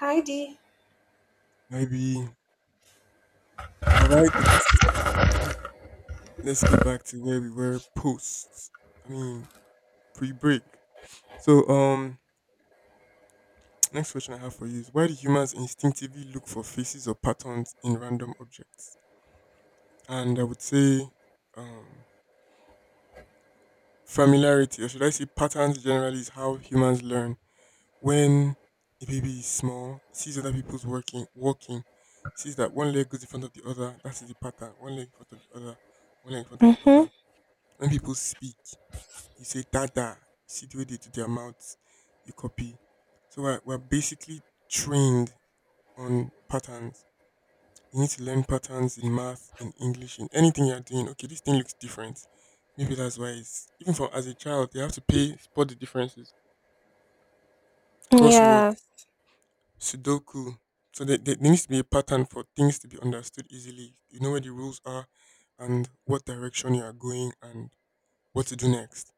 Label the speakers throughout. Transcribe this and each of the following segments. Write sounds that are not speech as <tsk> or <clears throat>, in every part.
Speaker 1: Heidi.
Speaker 2: Maybe. All right. Let's get back to where we were post. I mean, pre-break. So, <tsk> next question I have for you is: Why do humans instinctively look for faces or patterns in random objects? And I would say, um, familiarity, or should I say, patterns generally is how humans learn. When a baby is small, sees other people's working, walking, sees that one leg goes in front of the other. That's the pattern. One leg in front of the other. One leg in front of the
Speaker 1: Mhm.
Speaker 2: other. When people speak. You say dada, you see the way they do their mouths, you copy. So we're basically trained on patterns. You need to learn patterns in math, in English, in anything you're doing. Okay, this thing looks different. Maybe that's why it's even from as a child, they have to pay spot the differences. Crossword,
Speaker 1: Yeah.
Speaker 2: Sudoku. So there needs to be a pattern for things to be understood easily. You know where the rules are and what direction you are going and what to do next.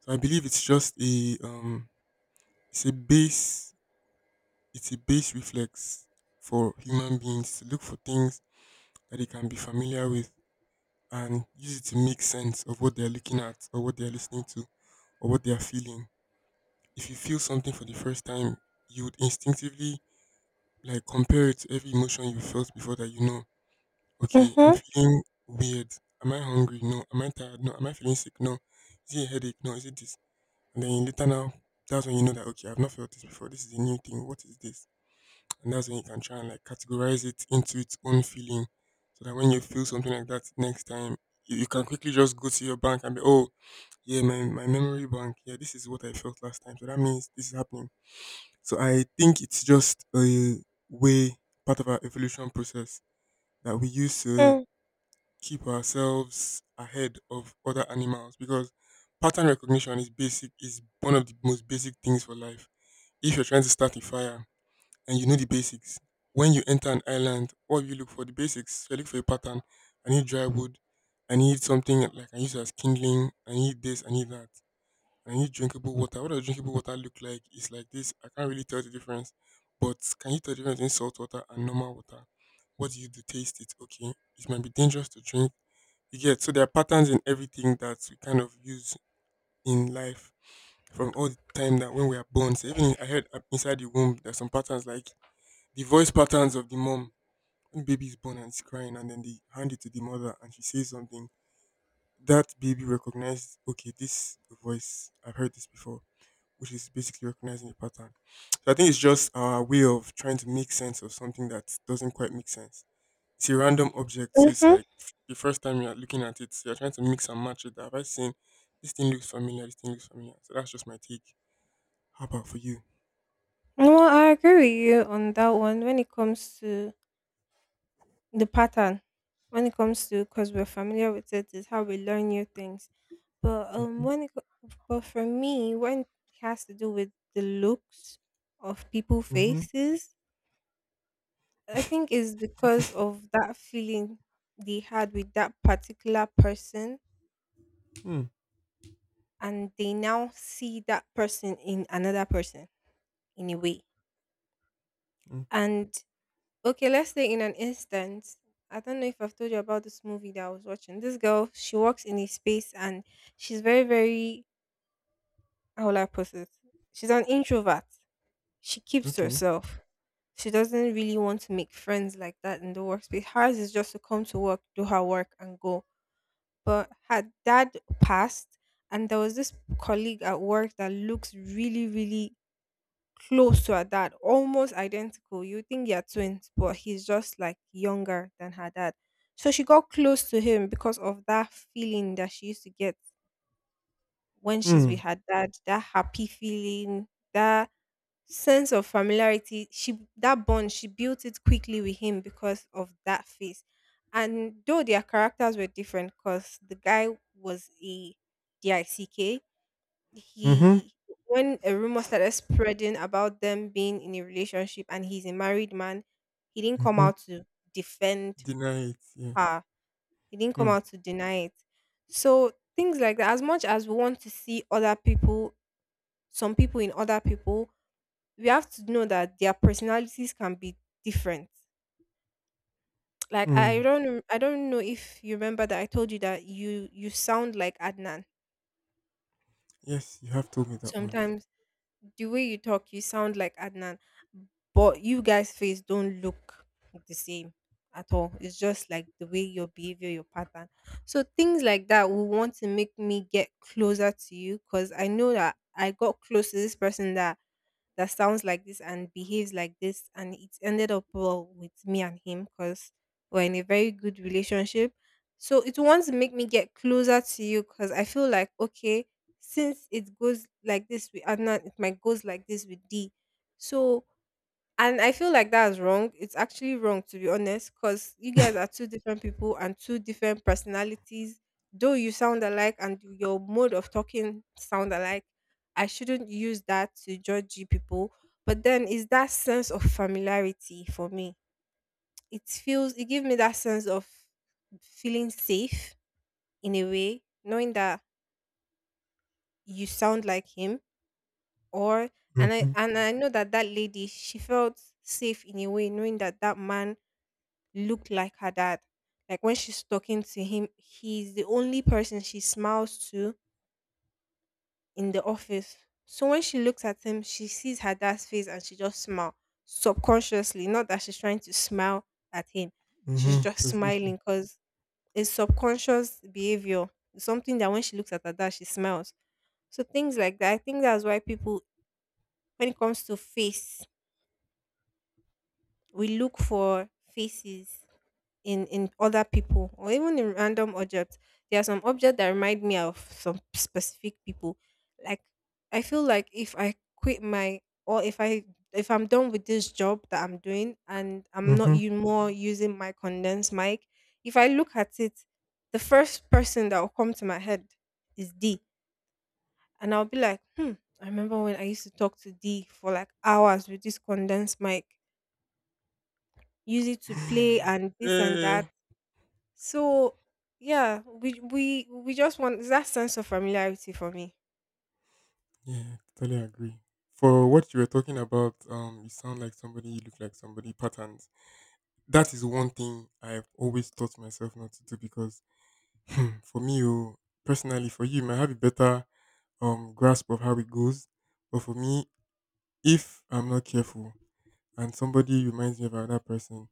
Speaker 2: So I believe it's just a it's a base It's a base reflex for human beings to look for things that they can be familiar with and use it to make sense of what they're looking at or what they're listening to or what they're feeling. If you feel something for the first time, you would instinctively like compare it to every emotion you felt before that you know. Okay, I'm
Speaker 1: Mhm.
Speaker 2: feeling weird. Am I hungry? No. Am I tired? No. Am I feeling sick? No. Is it a headache? No. Is it this? And then later now, that's when you know that okay, I've not felt this before. This is a new thing. What is this? And that's when you can try and like categorize it into its own feeling. So that when you feel something like that next time, you can quickly just go to your bank and be, oh, yeah, my memory bank, yeah, this is what I felt last time. So that means this is happening. So I think it's just a way, part of our evolution process that we use to
Speaker 1: Mm.
Speaker 2: keep ourselves ahead of other animals because pattern recognition is basic, is one of the most basic things for life. If you're trying to start a fire, and you know the basics. When you enter an island, what do you look for? The basics. So I look for a pattern. I need dry wood. I need something like I use as kindling. I need this. I need that. I need drinkable water. What does drinkable water look like? It's like this. I can't really tell the difference. But can you tell the difference in salt water and normal water? What do you do? Taste it. Okay. It might be dangerous to drink. You get so there are patterns in everything that we kind of use in life from all the time that when we are born. So even in, I heard inside the womb, there's some patterns like the voice patterns of the mom. When baby is born and it's crying and then they hand it to the mother and she says something, that baby recognizes okay, this voice, I've heard this before, which is basically recognizing a pattern. So I think it's just our way of trying to make sense of something that doesn't quite make sense. It's a random object, so it's
Speaker 1: Mhm.
Speaker 2: like the first time you're looking at it, you're trying to mix and match it. Have I seen? This thing looks familiar. This thing looks familiar. So that's just my take. How about for you?
Speaker 1: Well, I agree with you on that one. When it comes to the pattern, when it comes to because we're familiar with it, is how we learn new things. But
Speaker 2: Mm-hmm,
Speaker 1: when but for me, when it has to do with the looks of people
Speaker 2: mm-hmm,
Speaker 1: faces, I think it's because of that feeling they had with that particular person, and they now see that person in another person in a way.
Speaker 2: mm-hmm.
Speaker 1: And okay, let's say in an instance, I don't know if I've told you about this movie that I was watching. This girl, she works in a space and she's very, very, how will I put it? She's an introvert. She keeps to
Speaker 2: Okay.
Speaker 1: herself. She doesn't really want to make friends like that in the workspace. Hers is just to come to work, do her work and go. But her dad passed and there was this colleague at work that looks really, really close to her dad, almost identical. You think they're twins, but he's just like younger than her dad. So she got close to him because of that feeling that she used to get when she's
Speaker 2: Mm-hmm,
Speaker 1: with her dad, that happy feeling, that sense of familiarity. She that bond, she built it quickly with him because of that face. And though their characters were different, because the guy was a DICK,
Speaker 2: mm-hmm.
Speaker 1: he, when a rumor started spreading about them being in a relationship and he's a married man, he didn't come out to defend
Speaker 2: Deny it. Yeah.
Speaker 1: her. He didn't come
Speaker 2: Hmm.
Speaker 1: out to deny it. So things like that, as much as we want to see other people, some people in other people, we have to know that their personalities can be different. Like
Speaker 2: Hmm.
Speaker 1: I don't know if you remember that I told you that you sound like Adnan
Speaker 2: Yes, you have told me that once.
Speaker 1: sometimes, the way you talk, you sound like Adnan, but you guys' face don't look the same at all. It's just like the way your behavior, your pattern. So things like that will want to make me get closer to you because I know that I got close to this person that that sounds like this and behaves like this and it ended up well with me and him because we're in a very good relationship, so it wants to make me get closer to you because I feel like, okay, since it goes like this with Adnan, it might goes like this with D. So and I feel like that's wrong. It's actually wrong, to be honest, because you guys are two different people and two different personalities. Though you sound alike and your mode of talking sound alike, I shouldn't use that to judge you people. But then it's that sense of familiarity for me. It feels it gives me that sense of feeling safe in a way, knowing that you sound like him or, and I
Speaker 2: Mm-hmm.
Speaker 1: and I know that that lady, she felt safe in a way knowing that that man looked like her dad. Like when she's talking to him, he's the only person she smiles to in the office. So when she looks at him, she sees her dad's face and she just smiles subconsciously. Not that she's trying to smile at him, she's
Speaker 2: Mm-hmm.
Speaker 1: just smiling
Speaker 2: Specifically.
Speaker 1: because it's subconscious behavior. It's something that when she looks at her dad, she smiles. So things like that. I think that's why people, when it comes to face, we look for faces in other people or even in random objects. There are some objects that remind me of some specific people, like I feel like if I quit my or if I if I'm done with this job that I'm doing and I'm not
Speaker 2: Mm-hmm.
Speaker 1: you more using my condensed mic, if I look at it, the first person that will come to my head is D. And I'll be like, hmm, I remember when I used to talk to D for like hours with this condensed mic, use it to play
Speaker 2: <sighs>
Speaker 1: and this and
Speaker 2: Eh.
Speaker 1: that. So yeah, we just want that sense of familiarity for me.
Speaker 2: Yeah, totally agree. For what you were talking about, you sound like somebody, you look like somebody, patterns. That is one thing I've always taught myself not to do because for me, oh, personally, for you, you might have a better grasp of how it goes. But for me, if I'm not careful and somebody reminds me of another person,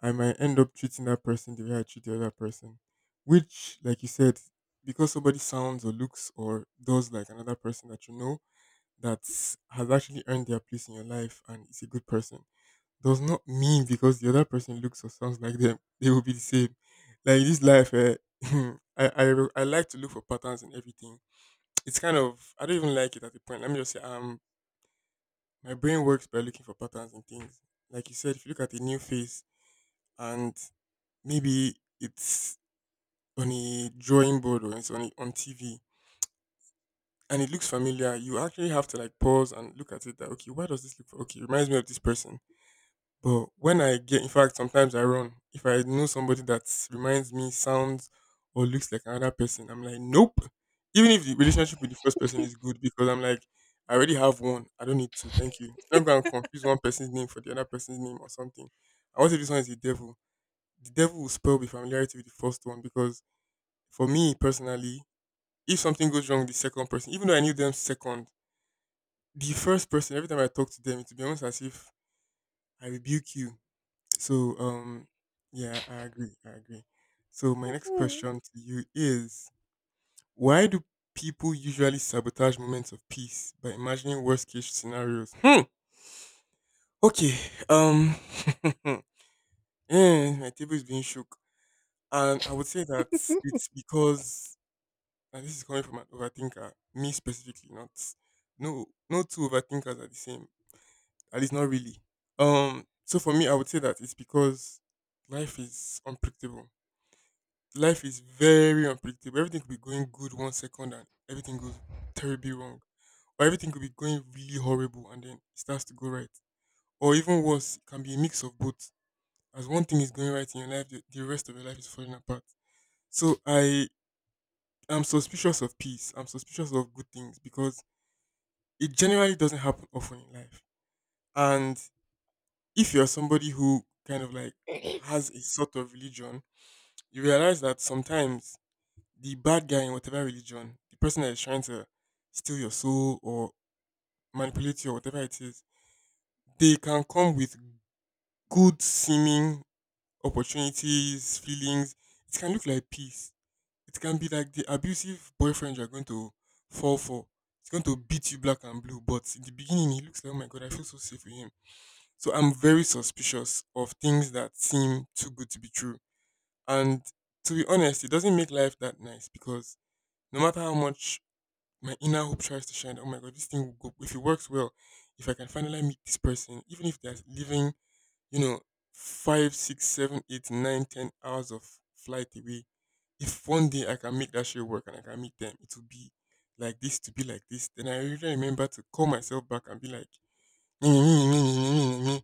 Speaker 2: I might end up treating that person the way I treat the other person. Which, like you said, because somebody sounds or looks or does like another person that you know, that has actually earned their place in your life and is a good person, does not mean because the other person looks or sounds like them, <laughs> they will be the same. Like this life, eh, <laughs> I like to look for patterns in everything. It's kind of, I don't even like it at the point. Let me just say, my brain works by looking for patterns in things. Like you said, if you look at a new face and maybe it's on a drawing board or it's on TV and it looks familiar, you actually have to like pause and look at it that okay, why does this look okay? It reminds me of this person. But when I get, in fact, sometimes I run. If I know somebody that reminds me, sounds or looks like another person, I'm like, nope. Even if the relationship with the first person is good, because I'm like, I already have one. I don't need two. Thank you. I'm not going to confuse one person's name for the other person's name or something. I want to. This one is the devil. The devil will spell the familiarity with the first one because for me personally, if something goes wrong with the second person, even though I knew them second, the first person, every time I talk to them, it will be almost as if I rebuke you. So, yeah, I agree. I agree. So, my next
Speaker 1: Mm.
Speaker 2: question to you is: why do people usually sabotage moments of peace by imagining worst case scenarios? Hmm. Okay. Um, <laughs> eh, my table is being shook. And I would say that it's because, and this is coming from an overthinker, me specifically, not, no, no, two overthinkers are the same. At least not really. So for me, I would say that it's because life is unpredictable. Life is very unpredictable. Everything could be going good 1 second and everything goes terribly wrong. Or everything could be going really horrible and then it starts to go right. Or even worse, it can be a mix of both. As one thing is going right in your life, the rest of your life is falling apart. So I am suspicious of peace. I'm suspicious of good things because it generally doesn't happen often in life. And if you're somebody who kind of like has a sort of religion, you realize that sometimes the bad guy in whatever religion, the person that is trying to steal your soul or manipulate you or whatever it is, they can come with good seeming opportunities, feelings. It can look like peace. It can be like the abusive boyfriend you're going to fall for. It's going to beat you black and blue, but in the beginning, he looks like, oh my god, I feel so safe with him. So I'm very suspicious of things that seem too good to be true. And to be honest, it doesn't make life that nice because no matter how much my inner hope tries to shine, oh my god, this thing will go. If it works well, if I can finally meet this person, even if they're living, you know, five, six, seven, eight, nine, 10 hours of flight away, if one day I can make that shit work and I can meet them, it will be like this to be like this. Then I really remember to call myself back and be like, <laughs> my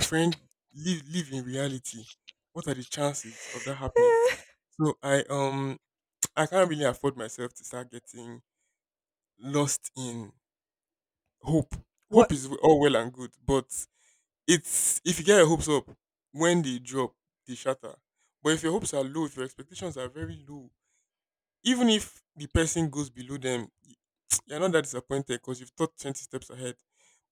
Speaker 2: friend, live in reality. What are the chances of that happening?
Speaker 1: <laughs>
Speaker 2: So I <tsk> I can't really afford myself to start getting lost in hope. Hope
Speaker 1: what
Speaker 2: is all well and good, but it's if you get your hopes up, when they drop, they shatter. But if your hopes are low, if your expectations are very low, even if the person goes below them, <tsk> you're not that disappointed because you've thought 20 steps ahead.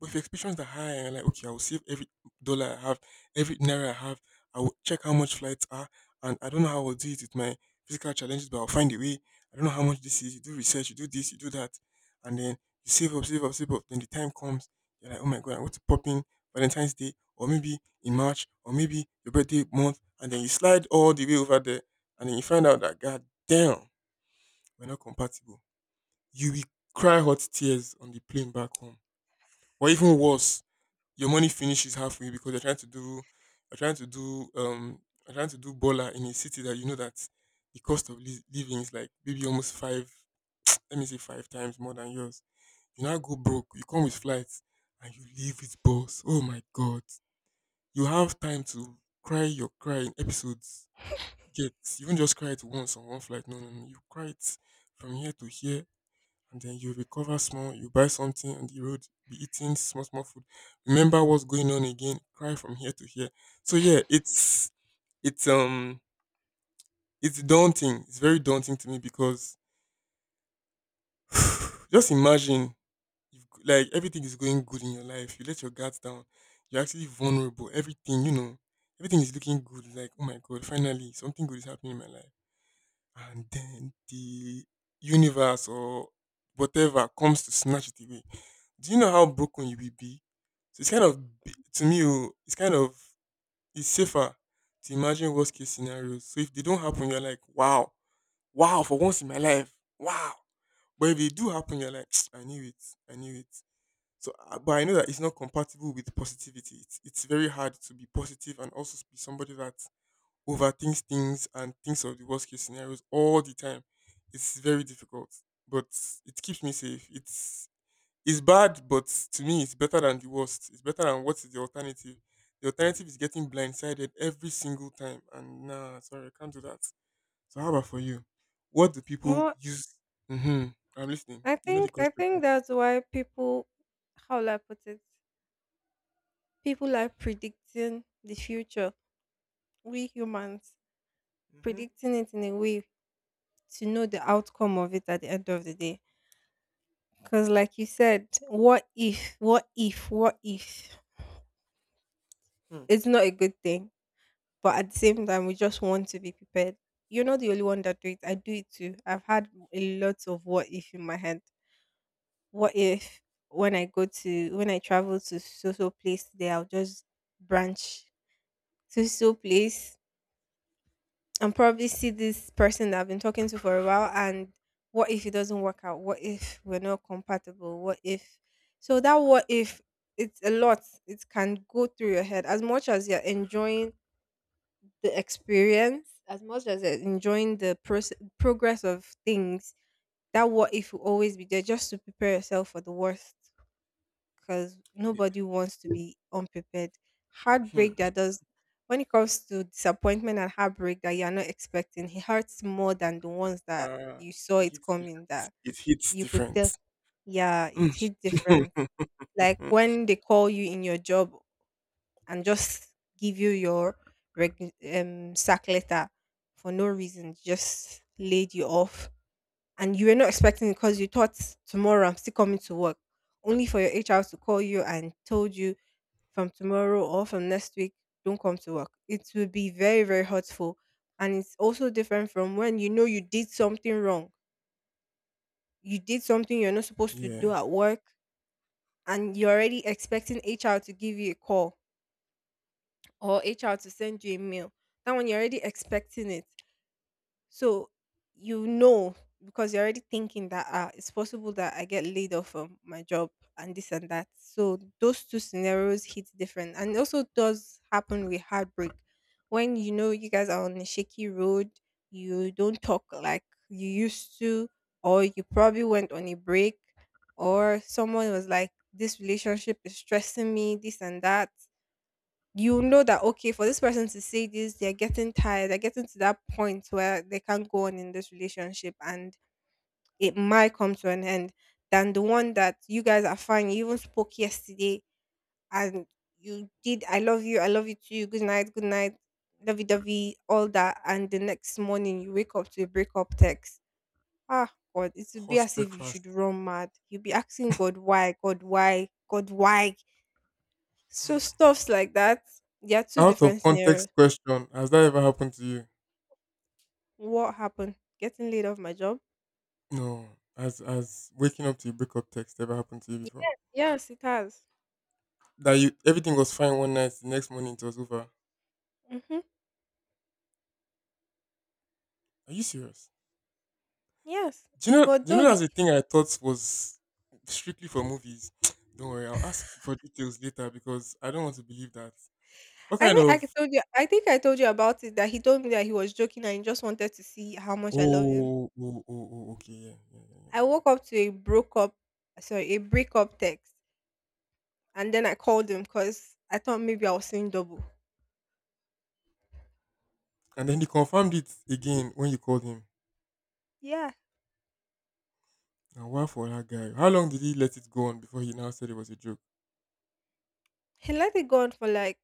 Speaker 2: But if your expectations are high and you're like, okay, I will save every dollar I have, every naira I have, I will check how much flights are, and I don't know how I'll do it with my physical challenges, but I'll find a way. I don't know how much this is. You do research, you do this, you do that, and then you save up, save up, save up. Then the time comes, you're like, oh my God, I want to pop in Valentine's Day, or maybe in March, or maybe your birthday month, and then you slide all the way over there, and then you find out that, God damn, we're not compatible. You will cry hot tears on the plane back home. Or even worse, your money finishes halfway because you're trying to do you're trying to do you're trying to do baller in a city that you know that the cost of living is like maybe almost five <tsk> let me say five times more than yours. You now go broke, you come with flights and you leave with boss. Oh my god. You have time to cry your cry in episodes. You don't just cry it once on one flight. No, no, no. You cry it from here to here and then you recover small, you buy something on the road, be eating small, small food. Remember what's going on again, cry from here to here. So yeah, it's it's daunting. It's very daunting to me because <sighs> just imagine if like everything is going good in your life, you let your guards down, you're actually vulnerable, everything, you know, everything is looking good, like, oh my god, finally something good is happening in my life and then the universe or whatever comes to snatch it away. Do you know how broken you will be? So it's kind of it's safer to imagine worst case scenarios. So if they don't happen, you're like, wow, wow, for once in my life, wow. But if they do happen, you're like, <tsk> I knew it, I knew it. So, but I know that it's not compatible with positivity. It's very hard to be positive and also be somebody that overthinks things and thinks of the worst case scenarios all the time. It's very difficult, but it keeps me safe. It's bad, but to me, it's better than the worst. It's better than what is the alternative. The alternative is getting blindsided every single time, and nah, sorry, I can't do that. So how about for you? What do people
Speaker 1: what
Speaker 2: use? Hmm. I'm listening.
Speaker 1: I
Speaker 2: You know the
Speaker 1: think I
Speaker 2: question.
Speaker 1: think that's why people, how will I put it? People like predicting the future. We humans
Speaker 2: Mm-hmm.
Speaker 1: predicting it in a way to know the outcome of it at the end of the day. Because like you said, what if, what if, what if?
Speaker 2: Hmm.
Speaker 1: It's not a good thing, but at the same time we just want to be prepared. You're not the only one that do it. I do it too. I've had a lot of what if in my head. What if when I travel to so so place today, I'll just branch to so place and probably see this person that I've been talking to for a while? And what if it doesn't work out? What if we're not compatible? What if? So that what if, it's a lot. It can go through your head as much as you're enjoying the experience, as much as enjoying the progress of things. That what if will always be there just to prepare yourself for the worst, because
Speaker 2: Yeah.
Speaker 1: nobody wants to be unprepared.
Speaker 2: Hmm.
Speaker 1: Heartbreak that does When it comes to disappointment and heartbreak that you are not expecting, it hurts more than the ones that
Speaker 2: Uh,
Speaker 1: you saw
Speaker 2: it
Speaker 1: it
Speaker 2: hits
Speaker 1: coming.
Speaker 2: different.
Speaker 1: That
Speaker 2: It hits
Speaker 1: you could
Speaker 2: different.
Speaker 1: tell, yeah, it
Speaker 2: Mm.
Speaker 1: hit different, like when they call you in your job and just give you your sack letter for no reason, just laid you off. And you were not expecting it because you thought tomorrow I'm still coming to work, only for your HR to call you and told you from tomorrow or from next week, don't come to work. It will be very, very hurtful. And it's also different from when you know you did something wrong. You did something you're not
Speaker 2: <laughs>
Speaker 1: supposed to
Speaker 2: Yeah.
Speaker 1: do at work, and you're already expecting HR to give you a call or HR to send you a mail. That one you're already expecting it. So you know, because you're already thinking that, ah, it's possible that I get laid off from my job and this and that. So those two scenarios hit different. And it also does happen with heartbreak. When you know you guys are on a shaky road, you don't talk like you used to, or you probably went on a break, or someone was like, this relationship is stressing me, this and that, you know that okay, for this person to say this, they're getting tired, they're getting to that point where they can't go on in this relationship and it might come to an end, than the one that you guys are fine, you even spoke yesterday, and you did, I love you, I love you too, good night, good night, lovey-dovey, all that, and the next morning you wake up to a breakup text. Ah, God, it would be
Speaker 2: Hot
Speaker 1: as if you
Speaker 2: breakfast.
Speaker 1: should run mad. You'll be asking God why, God why, God why. So stuffs like that, there are two
Speaker 2: Out of
Speaker 1: different scenarios.
Speaker 2: context question. Has that ever happened to you?
Speaker 1: What happened? Getting laid off my job?
Speaker 2: No. Has waking up to a breakup text ever happened to you before?
Speaker 1: Yes, it has.
Speaker 2: That you everything was fine one night, the next morning it was over.
Speaker 1: Mm-hmm.
Speaker 2: Are you serious?
Speaker 1: Yes.
Speaker 2: Do you know
Speaker 1: But
Speaker 2: do you know
Speaker 1: though the,
Speaker 2: that's the thing I thought was strictly for movies? <tsk> Don't worry, I'll ask for details later because I don't want to believe that. What
Speaker 1: I
Speaker 2: kind
Speaker 1: think I
Speaker 2: of
Speaker 1: told you, I think I told you about it, that he told me that he was joking and he just wanted to see how much I love him.
Speaker 2: oh oh oh, oh oh, okay, yeah, yeah, yeah, yeah,
Speaker 1: I
Speaker 2: yeah.
Speaker 1: woke up to a broke up, sorry, a breakup text, and then I called him because I thought maybe I was seeing double.
Speaker 2: And then he confirmed it again when you called him.
Speaker 1: Yeah,
Speaker 2: Now, wow for that guy. How long did he let it go on before he now said it was a joke?
Speaker 1: he let it go on for like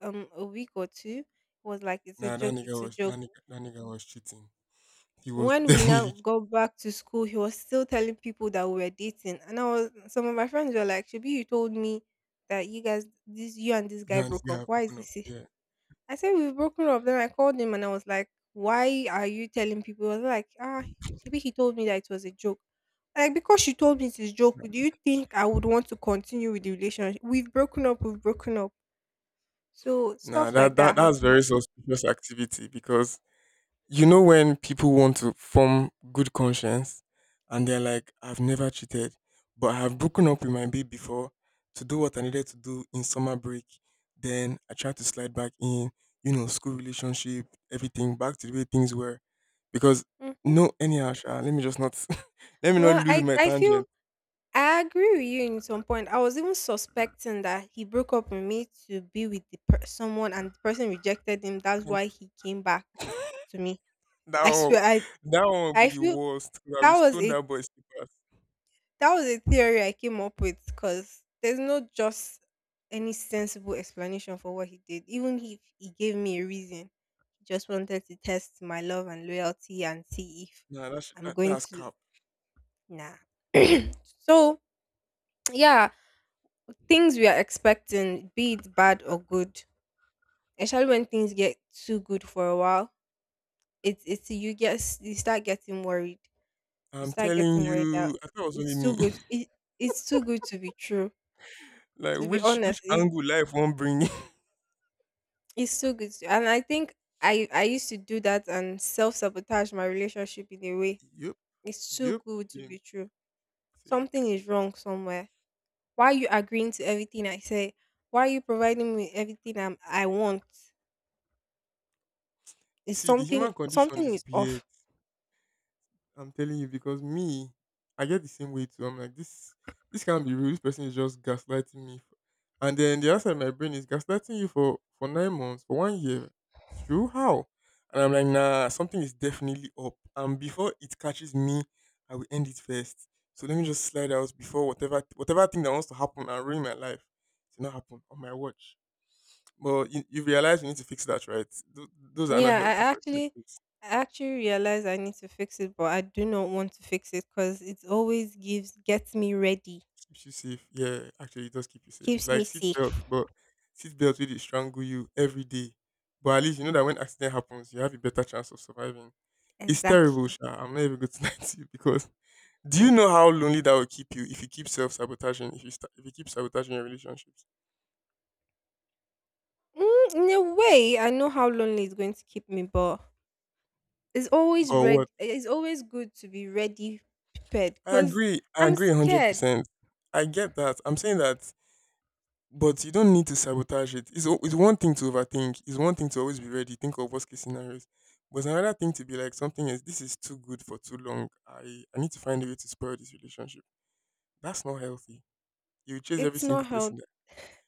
Speaker 1: a week or two. He was like, "It's a
Speaker 2: Nah,
Speaker 1: joke, it's a joke."
Speaker 2: that nigga was cheating. He was <laughs>
Speaker 1: When we now
Speaker 2: definitely
Speaker 1: got back to school, he was still telling people that we were dating. And I was, some of my friends were like, should you told me that you guys this, you and this
Speaker 2: you
Speaker 1: guy
Speaker 2: and this
Speaker 1: broke
Speaker 2: guy
Speaker 1: up.
Speaker 2: have
Speaker 1: Why is
Speaker 2: broken up.
Speaker 1: this? It?"
Speaker 2: Yeah.
Speaker 1: I said we've broken up. Then I called him and I was like, why are you telling people? He was like, ah, maybe he told me that it was a joke. Like because you told me it's a joke, do you think I would want to continue with the relationship? We've broken up, we've broken up. So
Speaker 2: Nah,
Speaker 1: stuff
Speaker 2: that,
Speaker 1: like that
Speaker 2: that that's
Speaker 1: happened.
Speaker 2: very suspicious activity because you know when people want to form good conscience and they're like, I've never cheated, but I have broken up with my babe before to do what I needed to do in summer break. Then I tried to slide back in, you know, school relationship, everything back to the way things were. Because
Speaker 1: Mhm.
Speaker 2: no anyhow, sha, let me just not <laughs> let me not
Speaker 1: Well,
Speaker 2: lose
Speaker 1: I
Speaker 2: my
Speaker 1: I feel
Speaker 2: tangent.
Speaker 1: I agree with you in some point. I was even suspecting that he broke up with me to be with the someone, and the person rejected him. That's why he came back to me.
Speaker 2: That
Speaker 1: I
Speaker 2: one,
Speaker 1: swear,
Speaker 2: that one would
Speaker 1: I
Speaker 2: be the
Speaker 1: feel
Speaker 2: worst, 'cause I will
Speaker 1: that was
Speaker 2: stone
Speaker 1: a,
Speaker 2: that boy slippers.
Speaker 1: that was a theory I came up with because there's no just any sensible explanation for what he did. Even if he gave me a reason, he just wanted to test my love and loyalty and see if
Speaker 2: Nah,
Speaker 1: I'm
Speaker 2: that
Speaker 1: going
Speaker 2: that's
Speaker 1: to.
Speaker 2: cap.
Speaker 1: Nah.
Speaker 2: That's
Speaker 1: <clears throat>
Speaker 2: cap.
Speaker 1: so, yeah, things we are expecting, be it bad or good, especially when things get too good for a while, it's you start getting worried. You
Speaker 2: I'm
Speaker 1: start
Speaker 2: telling
Speaker 1: getting worried that
Speaker 2: you, I thought it was only
Speaker 1: it's too
Speaker 2: me.
Speaker 1: good. It's too good to be true.
Speaker 2: <laughs> Like
Speaker 1: To be
Speaker 2: which
Speaker 1: honest,
Speaker 2: angle life won't bring.
Speaker 1: it's so good. And I think I used to do that and self sabotage my relationship in a way.
Speaker 2: <laughs> Yep,
Speaker 1: It's too
Speaker 2: yep.
Speaker 1: good to
Speaker 2: Same,
Speaker 1: be true.
Speaker 2: same,
Speaker 1: Something
Speaker 2: same.
Speaker 1: is wrong somewhere. Why are you agreeing to everything I say? Why are you providing me everything I want? It's
Speaker 2: See, the human condition
Speaker 1: something
Speaker 2: is
Speaker 1: is
Speaker 2: weird.
Speaker 1: off.
Speaker 2: I'm telling you because me, I get the same way too. I'm like this. This can't be real. This person is just gaslighting me. And then the answer in my brain is gaslighting you for 9 months, for one year. It's true. How? And I'm like, nah. Something is definitely up. And before it catches me, I will end it first. So let me just slide out before whatever thing that wants to happen and ruin my life to not happen on my watch. But you realize you need to fix that, right? Th- those are
Speaker 1: Yeah,
Speaker 2: not healthy perspectives.
Speaker 1: I actually realize I need to fix it, but I do not want to fix it because it always gives gets me ready,
Speaker 2: Keeps you safe. Yeah, actually, it does keep you safe. It's
Speaker 1: keeps
Speaker 2: like
Speaker 1: me
Speaker 2: seat
Speaker 1: safe.
Speaker 2: belt, but seat belt really strangle you every day. But at least you know that when accident happens, you have a better chance of surviving. It's terrible,
Speaker 1: Exactly.
Speaker 2: Sha. I'm not even going to <laughs> lie to you because do you know how lonely that will keep you if you keep self sabotaging? If you sta if you keep sabotaging your relationships,
Speaker 1: Mm, in a way, I know how lonely it's going to keep me, but it's always
Speaker 2: or
Speaker 1: ready.
Speaker 2: what?
Speaker 1: It's always good to be ready prepared
Speaker 2: I
Speaker 1: because
Speaker 2: agree. I
Speaker 1: I'm
Speaker 2: agree, hundred
Speaker 1: scared.
Speaker 2: percent. I get that. I'm saying that But you don't need to sabotage it. It's one thing to overthink. It's one thing to always be ready, think of worst case scenarios. But it's another thing to be like something is this is too good for too long. I need to find a way to spoil this relationship. That's not healthy. You chase every
Speaker 1: It's not
Speaker 2: single
Speaker 1: healthy.
Speaker 2: person. There.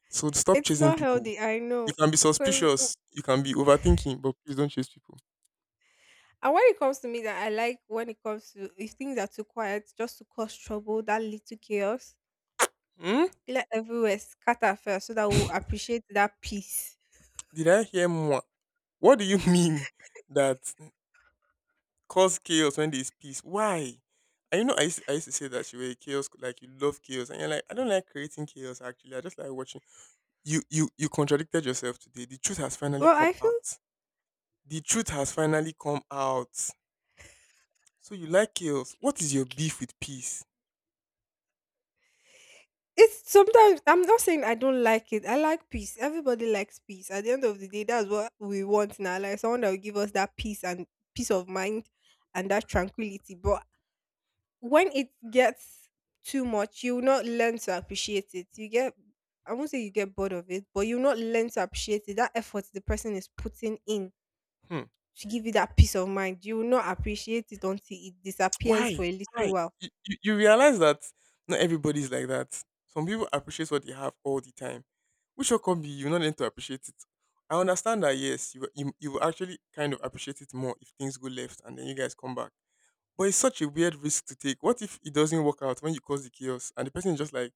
Speaker 2: So stop
Speaker 1: It's
Speaker 2: chasing
Speaker 1: not
Speaker 2: people.
Speaker 1: healthy, I
Speaker 2: You
Speaker 1: know.
Speaker 2: can be
Speaker 1: Because
Speaker 2: suspicious. You can be overthinking, but please don't chase people.
Speaker 1: and when it comes to me, that I like when it comes to, if things are too quiet, just to cause trouble, that little chaos,
Speaker 2: Hmm?
Speaker 1: let everywhere scatter first so that we'll
Speaker 2: <laughs>
Speaker 1: appreciate that peace.
Speaker 2: Did I hear more? What do you <laughs> mean that cause chaos when there's peace. Why? And you know, I used to say that you were a chaos, like you love chaos, and you're like, I don't like creating chaos. Actually, I just like watching. You contradicted yourself today. The truth has finally
Speaker 1: Well
Speaker 2: come
Speaker 1: I feel
Speaker 2: out. The truth has finally come out. So you like chaos. What is your beef with peace?
Speaker 1: It's sometimes. I'm not saying I don't like it. I like peace. Everybody likes peace. At the end of the day, that's what we want now. Like someone that will give us that peace and peace of mind and that tranquility. But when it gets too much, you will not learn to appreciate it. You get I won't say you get bored of it, but you'll not learn to appreciate it. That effort the person is putting in
Speaker 2: Hmm.
Speaker 1: to give you that peace of mind. You will not appreciate it until it disappears for
Speaker 2: Why?
Speaker 1: a little
Speaker 2: Why?
Speaker 1: while.
Speaker 2: You realize that not everybody's like that. Some people appreciate what they have all the time. Which will come be you not learn to appreciate it. I understand that yes, you will actually kind of appreciate it more if things go left and then you guys come back. But it's such a weird risk to take. What if it doesn't work out when you cause the chaos and the person is just like,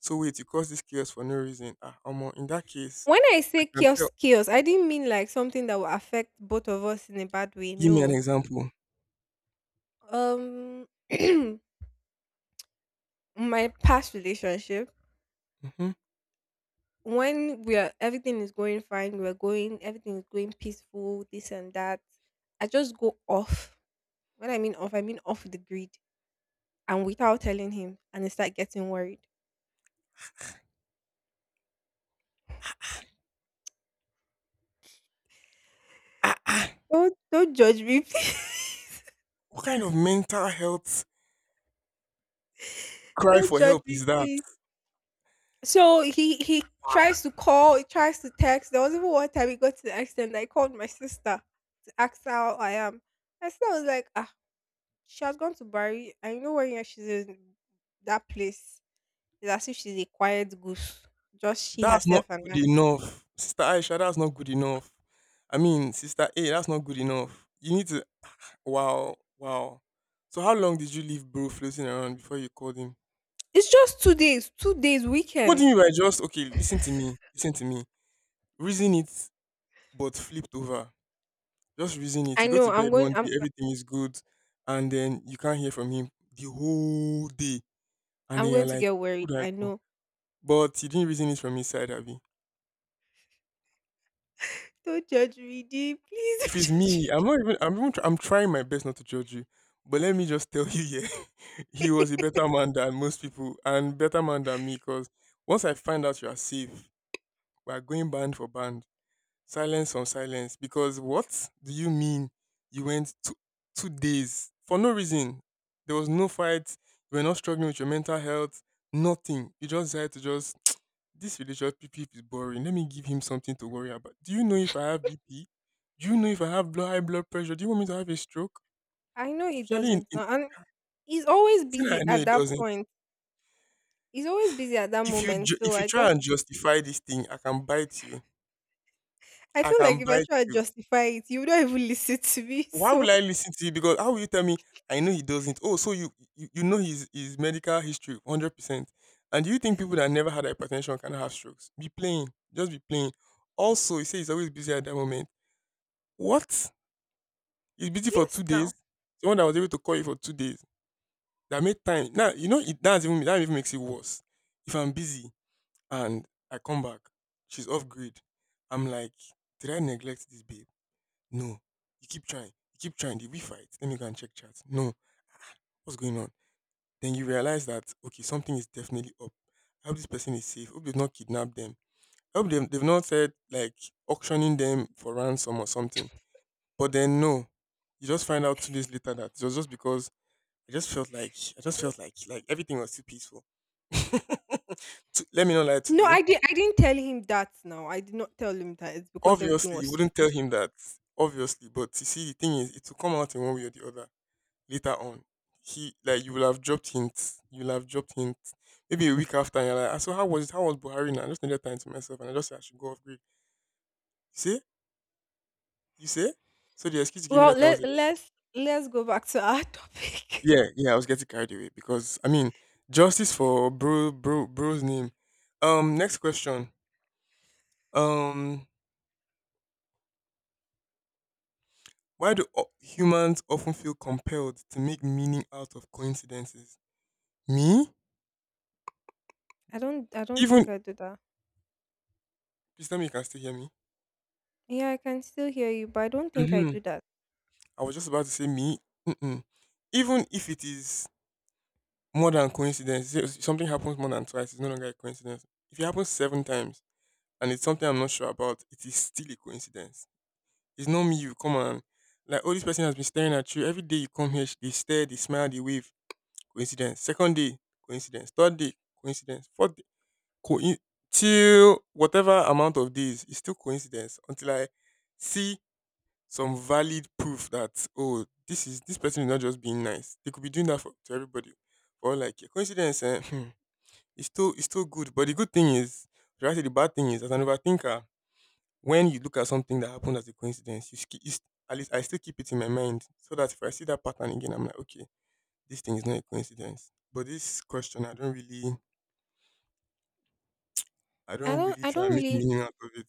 Speaker 2: so wait, you caused this chaos for no reason. Ah, Omo, in that case,
Speaker 1: When I
Speaker 2: I
Speaker 1: say
Speaker 2: can tell.
Speaker 1: chaos, chaos, I didn't mean like something that will affect both of us in a bad way.
Speaker 2: Give me an
Speaker 1: No.
Speaker 2: example.
Speaker 1: Um, <clears throat> my past relationship,
Speaker 2: Hmm.
Speaker 1: when we are everything is going fine, everything is going peaceful, this and that. I just go off. When I mean off the grid. And without telling him, and I start getting worried.
Speaker 2: Ah, ah,
Speaker 1: Don't judge me <laughs> please.
Speaker 2: what kind of mental health cry
Speaker 1: Don't
Speaker 2: for
Speaker 1: judge
Speaker 2: help
Speaker 1: me
Speaker 2: is that?
Speaker 1: please. So he tries to call, he tries to text. There was even one time he got to the extent that I called my sister to ask her how I am. My sister was like, ah, she has gone to Bari, and you know when she's in that place, it's as if she's a quiet goose. Just she
Speaker 2: That's
Speaker 1: herself
Speaker 2: not
Speaker 1: and
Speaker 2: good
Speaker 1: I.
Speaker 2: enough. Sister Aisha, that's not good enough. I mean, Sister A, that's not good enough. You need to. Wow, wow. So, how long did you leave bro floating around before you called him?
Speaker 1: It's just 2 days, 2 days
Speaker 2: What do
Speaker 1: weekend.
Speaker 2: you mean by just, okay, listen to me, listen to me. Reason it, but flipped over. Just reason it.
Speaker 1: I
Speaker 2: You go
Speaker 1: know
Speaker 2: to bed
Speaker 1: I'm going
Speaker 2: one day,
Speaker 1: I'm
Speaker 2: everything is good, and then you can't hear from him the whole day. And
Speaker 1: I'm
Speaker 2: then you're
Speaker 1: going to
Speaker 2: like,
Speaker 1: get
Speaker 2: who
Speaker 1: worried.
Speaker 2: do I
Speaker 1: I
Speaker 2: call?
Speaker 1: know.
Speaker 2: But you didn't reason it from his side, have
Speaker 1: Don't judge me, D. Please <laughs>
Speaker 2: If
Speaker 1: don't
Speaker 2: it's
Speaker 1: judge
Speaker 2: me, I'm not even. I'm even. Tr- I'm trying my best not to judge you, but let me just tell you, yeah, <laughs>
Speaker 1: me.
Speaker 2: he was a better man than most people, and better man than me. Because once I find out you are safe, we are going band for band, silence on silence. Because what do you mean? You went two days for no reason. There was no fight. You were not struggling with your mental health. Nothing. You just had to just this religious relationship is boring. Let me give him something to worry about. Do you know if I have BP? Do you know if I have blood, high blood pressure? Do you want me to have a stroke?
Speaker 1: I know he
Speaker 2: Especially
Speaker 1: doesn't
Speaker 2: in
Speaker 1: now, and he's always
Speaker 2: thing I
Speaker 1: busy
Speaker 2: know
Speaker 1: at
Speaker 2: it
Speaker 1: that
Speaker 2: doesn't.
Speaker 1: point. He's always busy at that
Speaker 2: If
Speaker 1: moment. So
Speaker 2: if you
Speaker 1: I
Speaker 2: try
Speaker 1: just,
Speaker 2: and justify this thing, I can bite you.
Speaker 1: I
Speaker 2: I
Speaker 1: feel like
Speaker 2: can
Speaker 1: if I
Speaker 2: bite
Speaker 1: try to
Speaker 2: you.
Speaker 1: justify it, you don't even <laughs> listen to me.
Speaker 2: Why will
Speaker 1: So
Speaker 2: I listen to you? Because how will you tell me I know he doesn't? Oh, so you know his medical history 100%. And do you think people that never had hypertension can have strokes? Be playing, just be playing. Also, you say he's always busy at that moment. What? He's busy for 2
Speaker 1: yes,
Speaker 2: days.
Speaker 1: now.
Speaker 2: Someone that was able to call you for 2 days, that made time. Now, you know, it that's even that even makes it worse. If I'm busy and I come back, she's off grid. I'm like, did I neglect this babe? No. You keep trying. You keep trying. Did we fight? Let me go and check chat. No. What's going on? Then you realize that okay, something is definitely up. I hope this person is safe. I hope they've not kidnapped them. I hope they've not said like auctioning them for ransom or something. But then no. You just find out 2 days later that it was just because I just felt like I just felt like everything was too peaceful. <laughs> Let me not lie to
Speaker 1: No,
Speaker 2: you.
Speaker 1: I did. I didn't tell him that. Now I did not tell him that. It's because everything
Speaker 2: Obviously,
Speaker 1: was
Speaker 2: you wouldn't
Speaker 1: stupid.
Speaker 2: tell him that. Obviously, but you see, the thing is, it will come out in one way or the other later on. He like you will have dropped hints. You will have dropped hints. Maybe a week after, and you're like, "Ah, so how was it? How was Buhari? Now I just needed time to myself, and I just said I should go off grid. You see, you see. So the excuse you gave me
Speaker 1: Well,
Speaker 2: that time was a
Speaker 1: let
Speaker 2: little-
Speaker 1: let's let's go back to our <laughs> topic.
Speaker 2: yeah, yeah. I was getting carried away because I mean, justice for bro's name. Next question. Um, Why do humans often feel compelled to make meaning out of coincidences? Me?
Speaker 1: I don't. I don't
Speaker 2: Even
Speaker 1: think I do that.
Speaker 2: please tell me you can still hear me.
Speaker 1: Yeah, I can still hear you, but I don't think I
Speaker 2: Hmm.
Speaker 1: do that.
Speaker 2: I was just about to say me. Mm-mm. Even if it is more than coincidence, say something happens more than twice, it's no longer a coincidence. If it happens 7 times and it's something I'm not sure about, it is still a coincidence. It's not me. You come on, like oh, this person has been staring at you every day. You come here, they stare, they smile, they wave. Coincidence. Second day, coincidence. Third day, coincidence. Fourth day. co- till whatever amount of days it's still coincidence until I see some valid proof that oh this is this person is not just being nice they could be doing that for to everybody or like yeah, coincidence eh, hmm, it's still good but the good thing is should I say the bad thing is as an overthinker when you look at something that happened as a coincidence you, sk- you st- at least I still keep it in my mind so that if I see that pattern again I'm like okay this thing is not a coincidence but this question I
Speaker 1: I
Speaker 2: don't
Speaker 1: don't
Speaker 2: really
Speaker 1: I
Speaker 2: try
Speaker 1: don't
Speaker 2: and make
Speaker 1: really
Speaker 2: meaning out of it.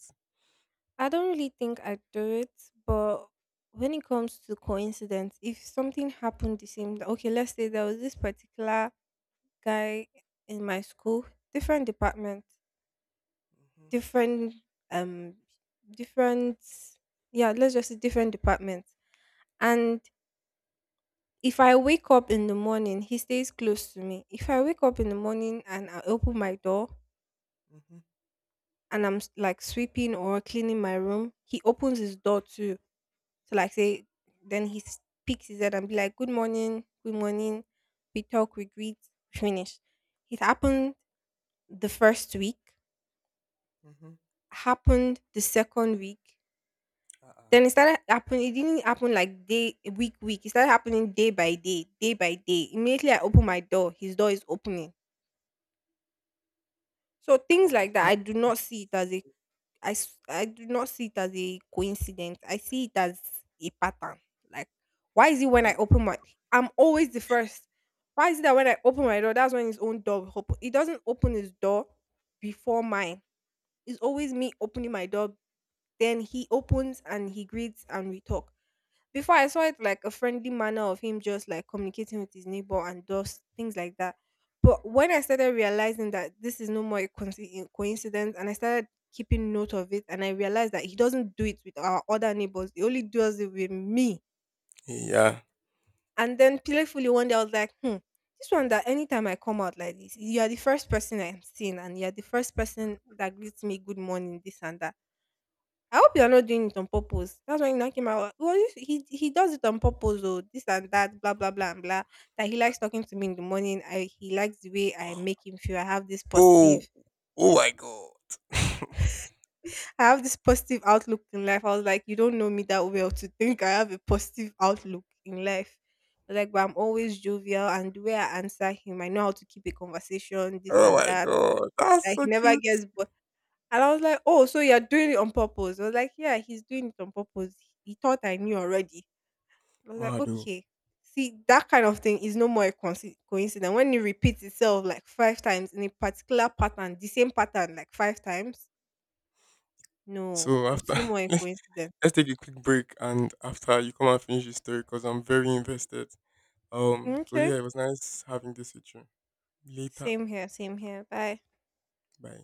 Speaker 1: I don't really think I do it, but when it comes to coincidence, if something happened the same day, okay, let's say there was this particular guy in my school, different department, different um different yeah, let's just say different departments. And if I wake up in the morning, he stays close to me. If I wake up in the morning and I open my door,
Speaker 2: Mhm,
Speaker 1: and like sweeping or cleaning my room, he opens his door to like say then he s- peeks his head and be like, good morning, good morning. We talk, we greet, we finish. It happened the first week,
Speaker 2: mhm.
Speaker 1: happened the second week.
Speaker 2: Uh-uh.
Speaker 1: Then it started happening, it didn't happen like day week week. It started happening day by day, day by day. Immediately I open my door, his door is opening. So things
Speaker 2: Almost
Speaker 1: like that,
Speaker 2: no.
Speaker 1: I do not see it as a I do not see it as a coincidence. I see it as a pattern. Like, why is it when
Speaker 2: Yeah.
Speaker 1: I open my, I'm always the first. Why is it that when I open my door, that's when his own door will open? He doesn't open his door before mine. It's always me opening my door. Then he opens and he greets and we talk. Before I saw it like a friendly manner of him just like communicating with his neighbor and just things like that. But when I started realizing that this is no more a coincidence, and I started keeping note of it, and I realized that he doesn't do it with our other neighbors; he only does it with me.
Speaker 2: Yeah.
Speaker 1: And then playfully one day I was like, hmm, this one that anytime I come out like this, you are the first person I'm seeing, and you are the first person that greets me good morning, this and that. I hope you're not doing it on purpose. That's why you knock him out. Oh, well, if he does it on purpose, oh, this and that, blah blah blah and blah. That he likes talking to me in the morning. I He likes the way I make him feel. I have this
Speaker 2: Oh,
Speaker 1: positive,
Speaker 2: oh my god. <laughs>
Speaker 1: I have this positive outlook in life. I was like, you don't know me that well to think I have a positive outlook in life. I was like, but I'm always jovial, and the way I answer him, I know how to keep a conversation, this
Speaker 2: Oh
Speaker 1: and
Speaker 2: my
Speaker 1: that.
Speaker 2: god. That's
Speaker 1: Like
Speaker 2: so
Speaker 1: he never
Speaker 2: cute.
Speaker 1: gets bored. And I was like, oh, so you're doing it on purpose? I was like, yeah, he's doing it on purpose. He thought I knew already. I was like,
Speaker 2: Mado.
Speaker 1: okay. See, that kind of thing is no more a coincidence. When it repeats itself like 5 times in a particular pattern, the same pattern like 5 times, no,
Speaker 2: So after
Speaker 1: it's no more
Speaker 2: <laughs>
Speaker 1: a coincidence.
Speaker 2: let's take a quick break and after you come and finish the story because I'm very invested. So
Speaker 1: Okay.
Speaker 2: yeah, it was nice having this with you. Later.
Speaker 1: Same here, same here. Bye.
Speaker 2: Bye.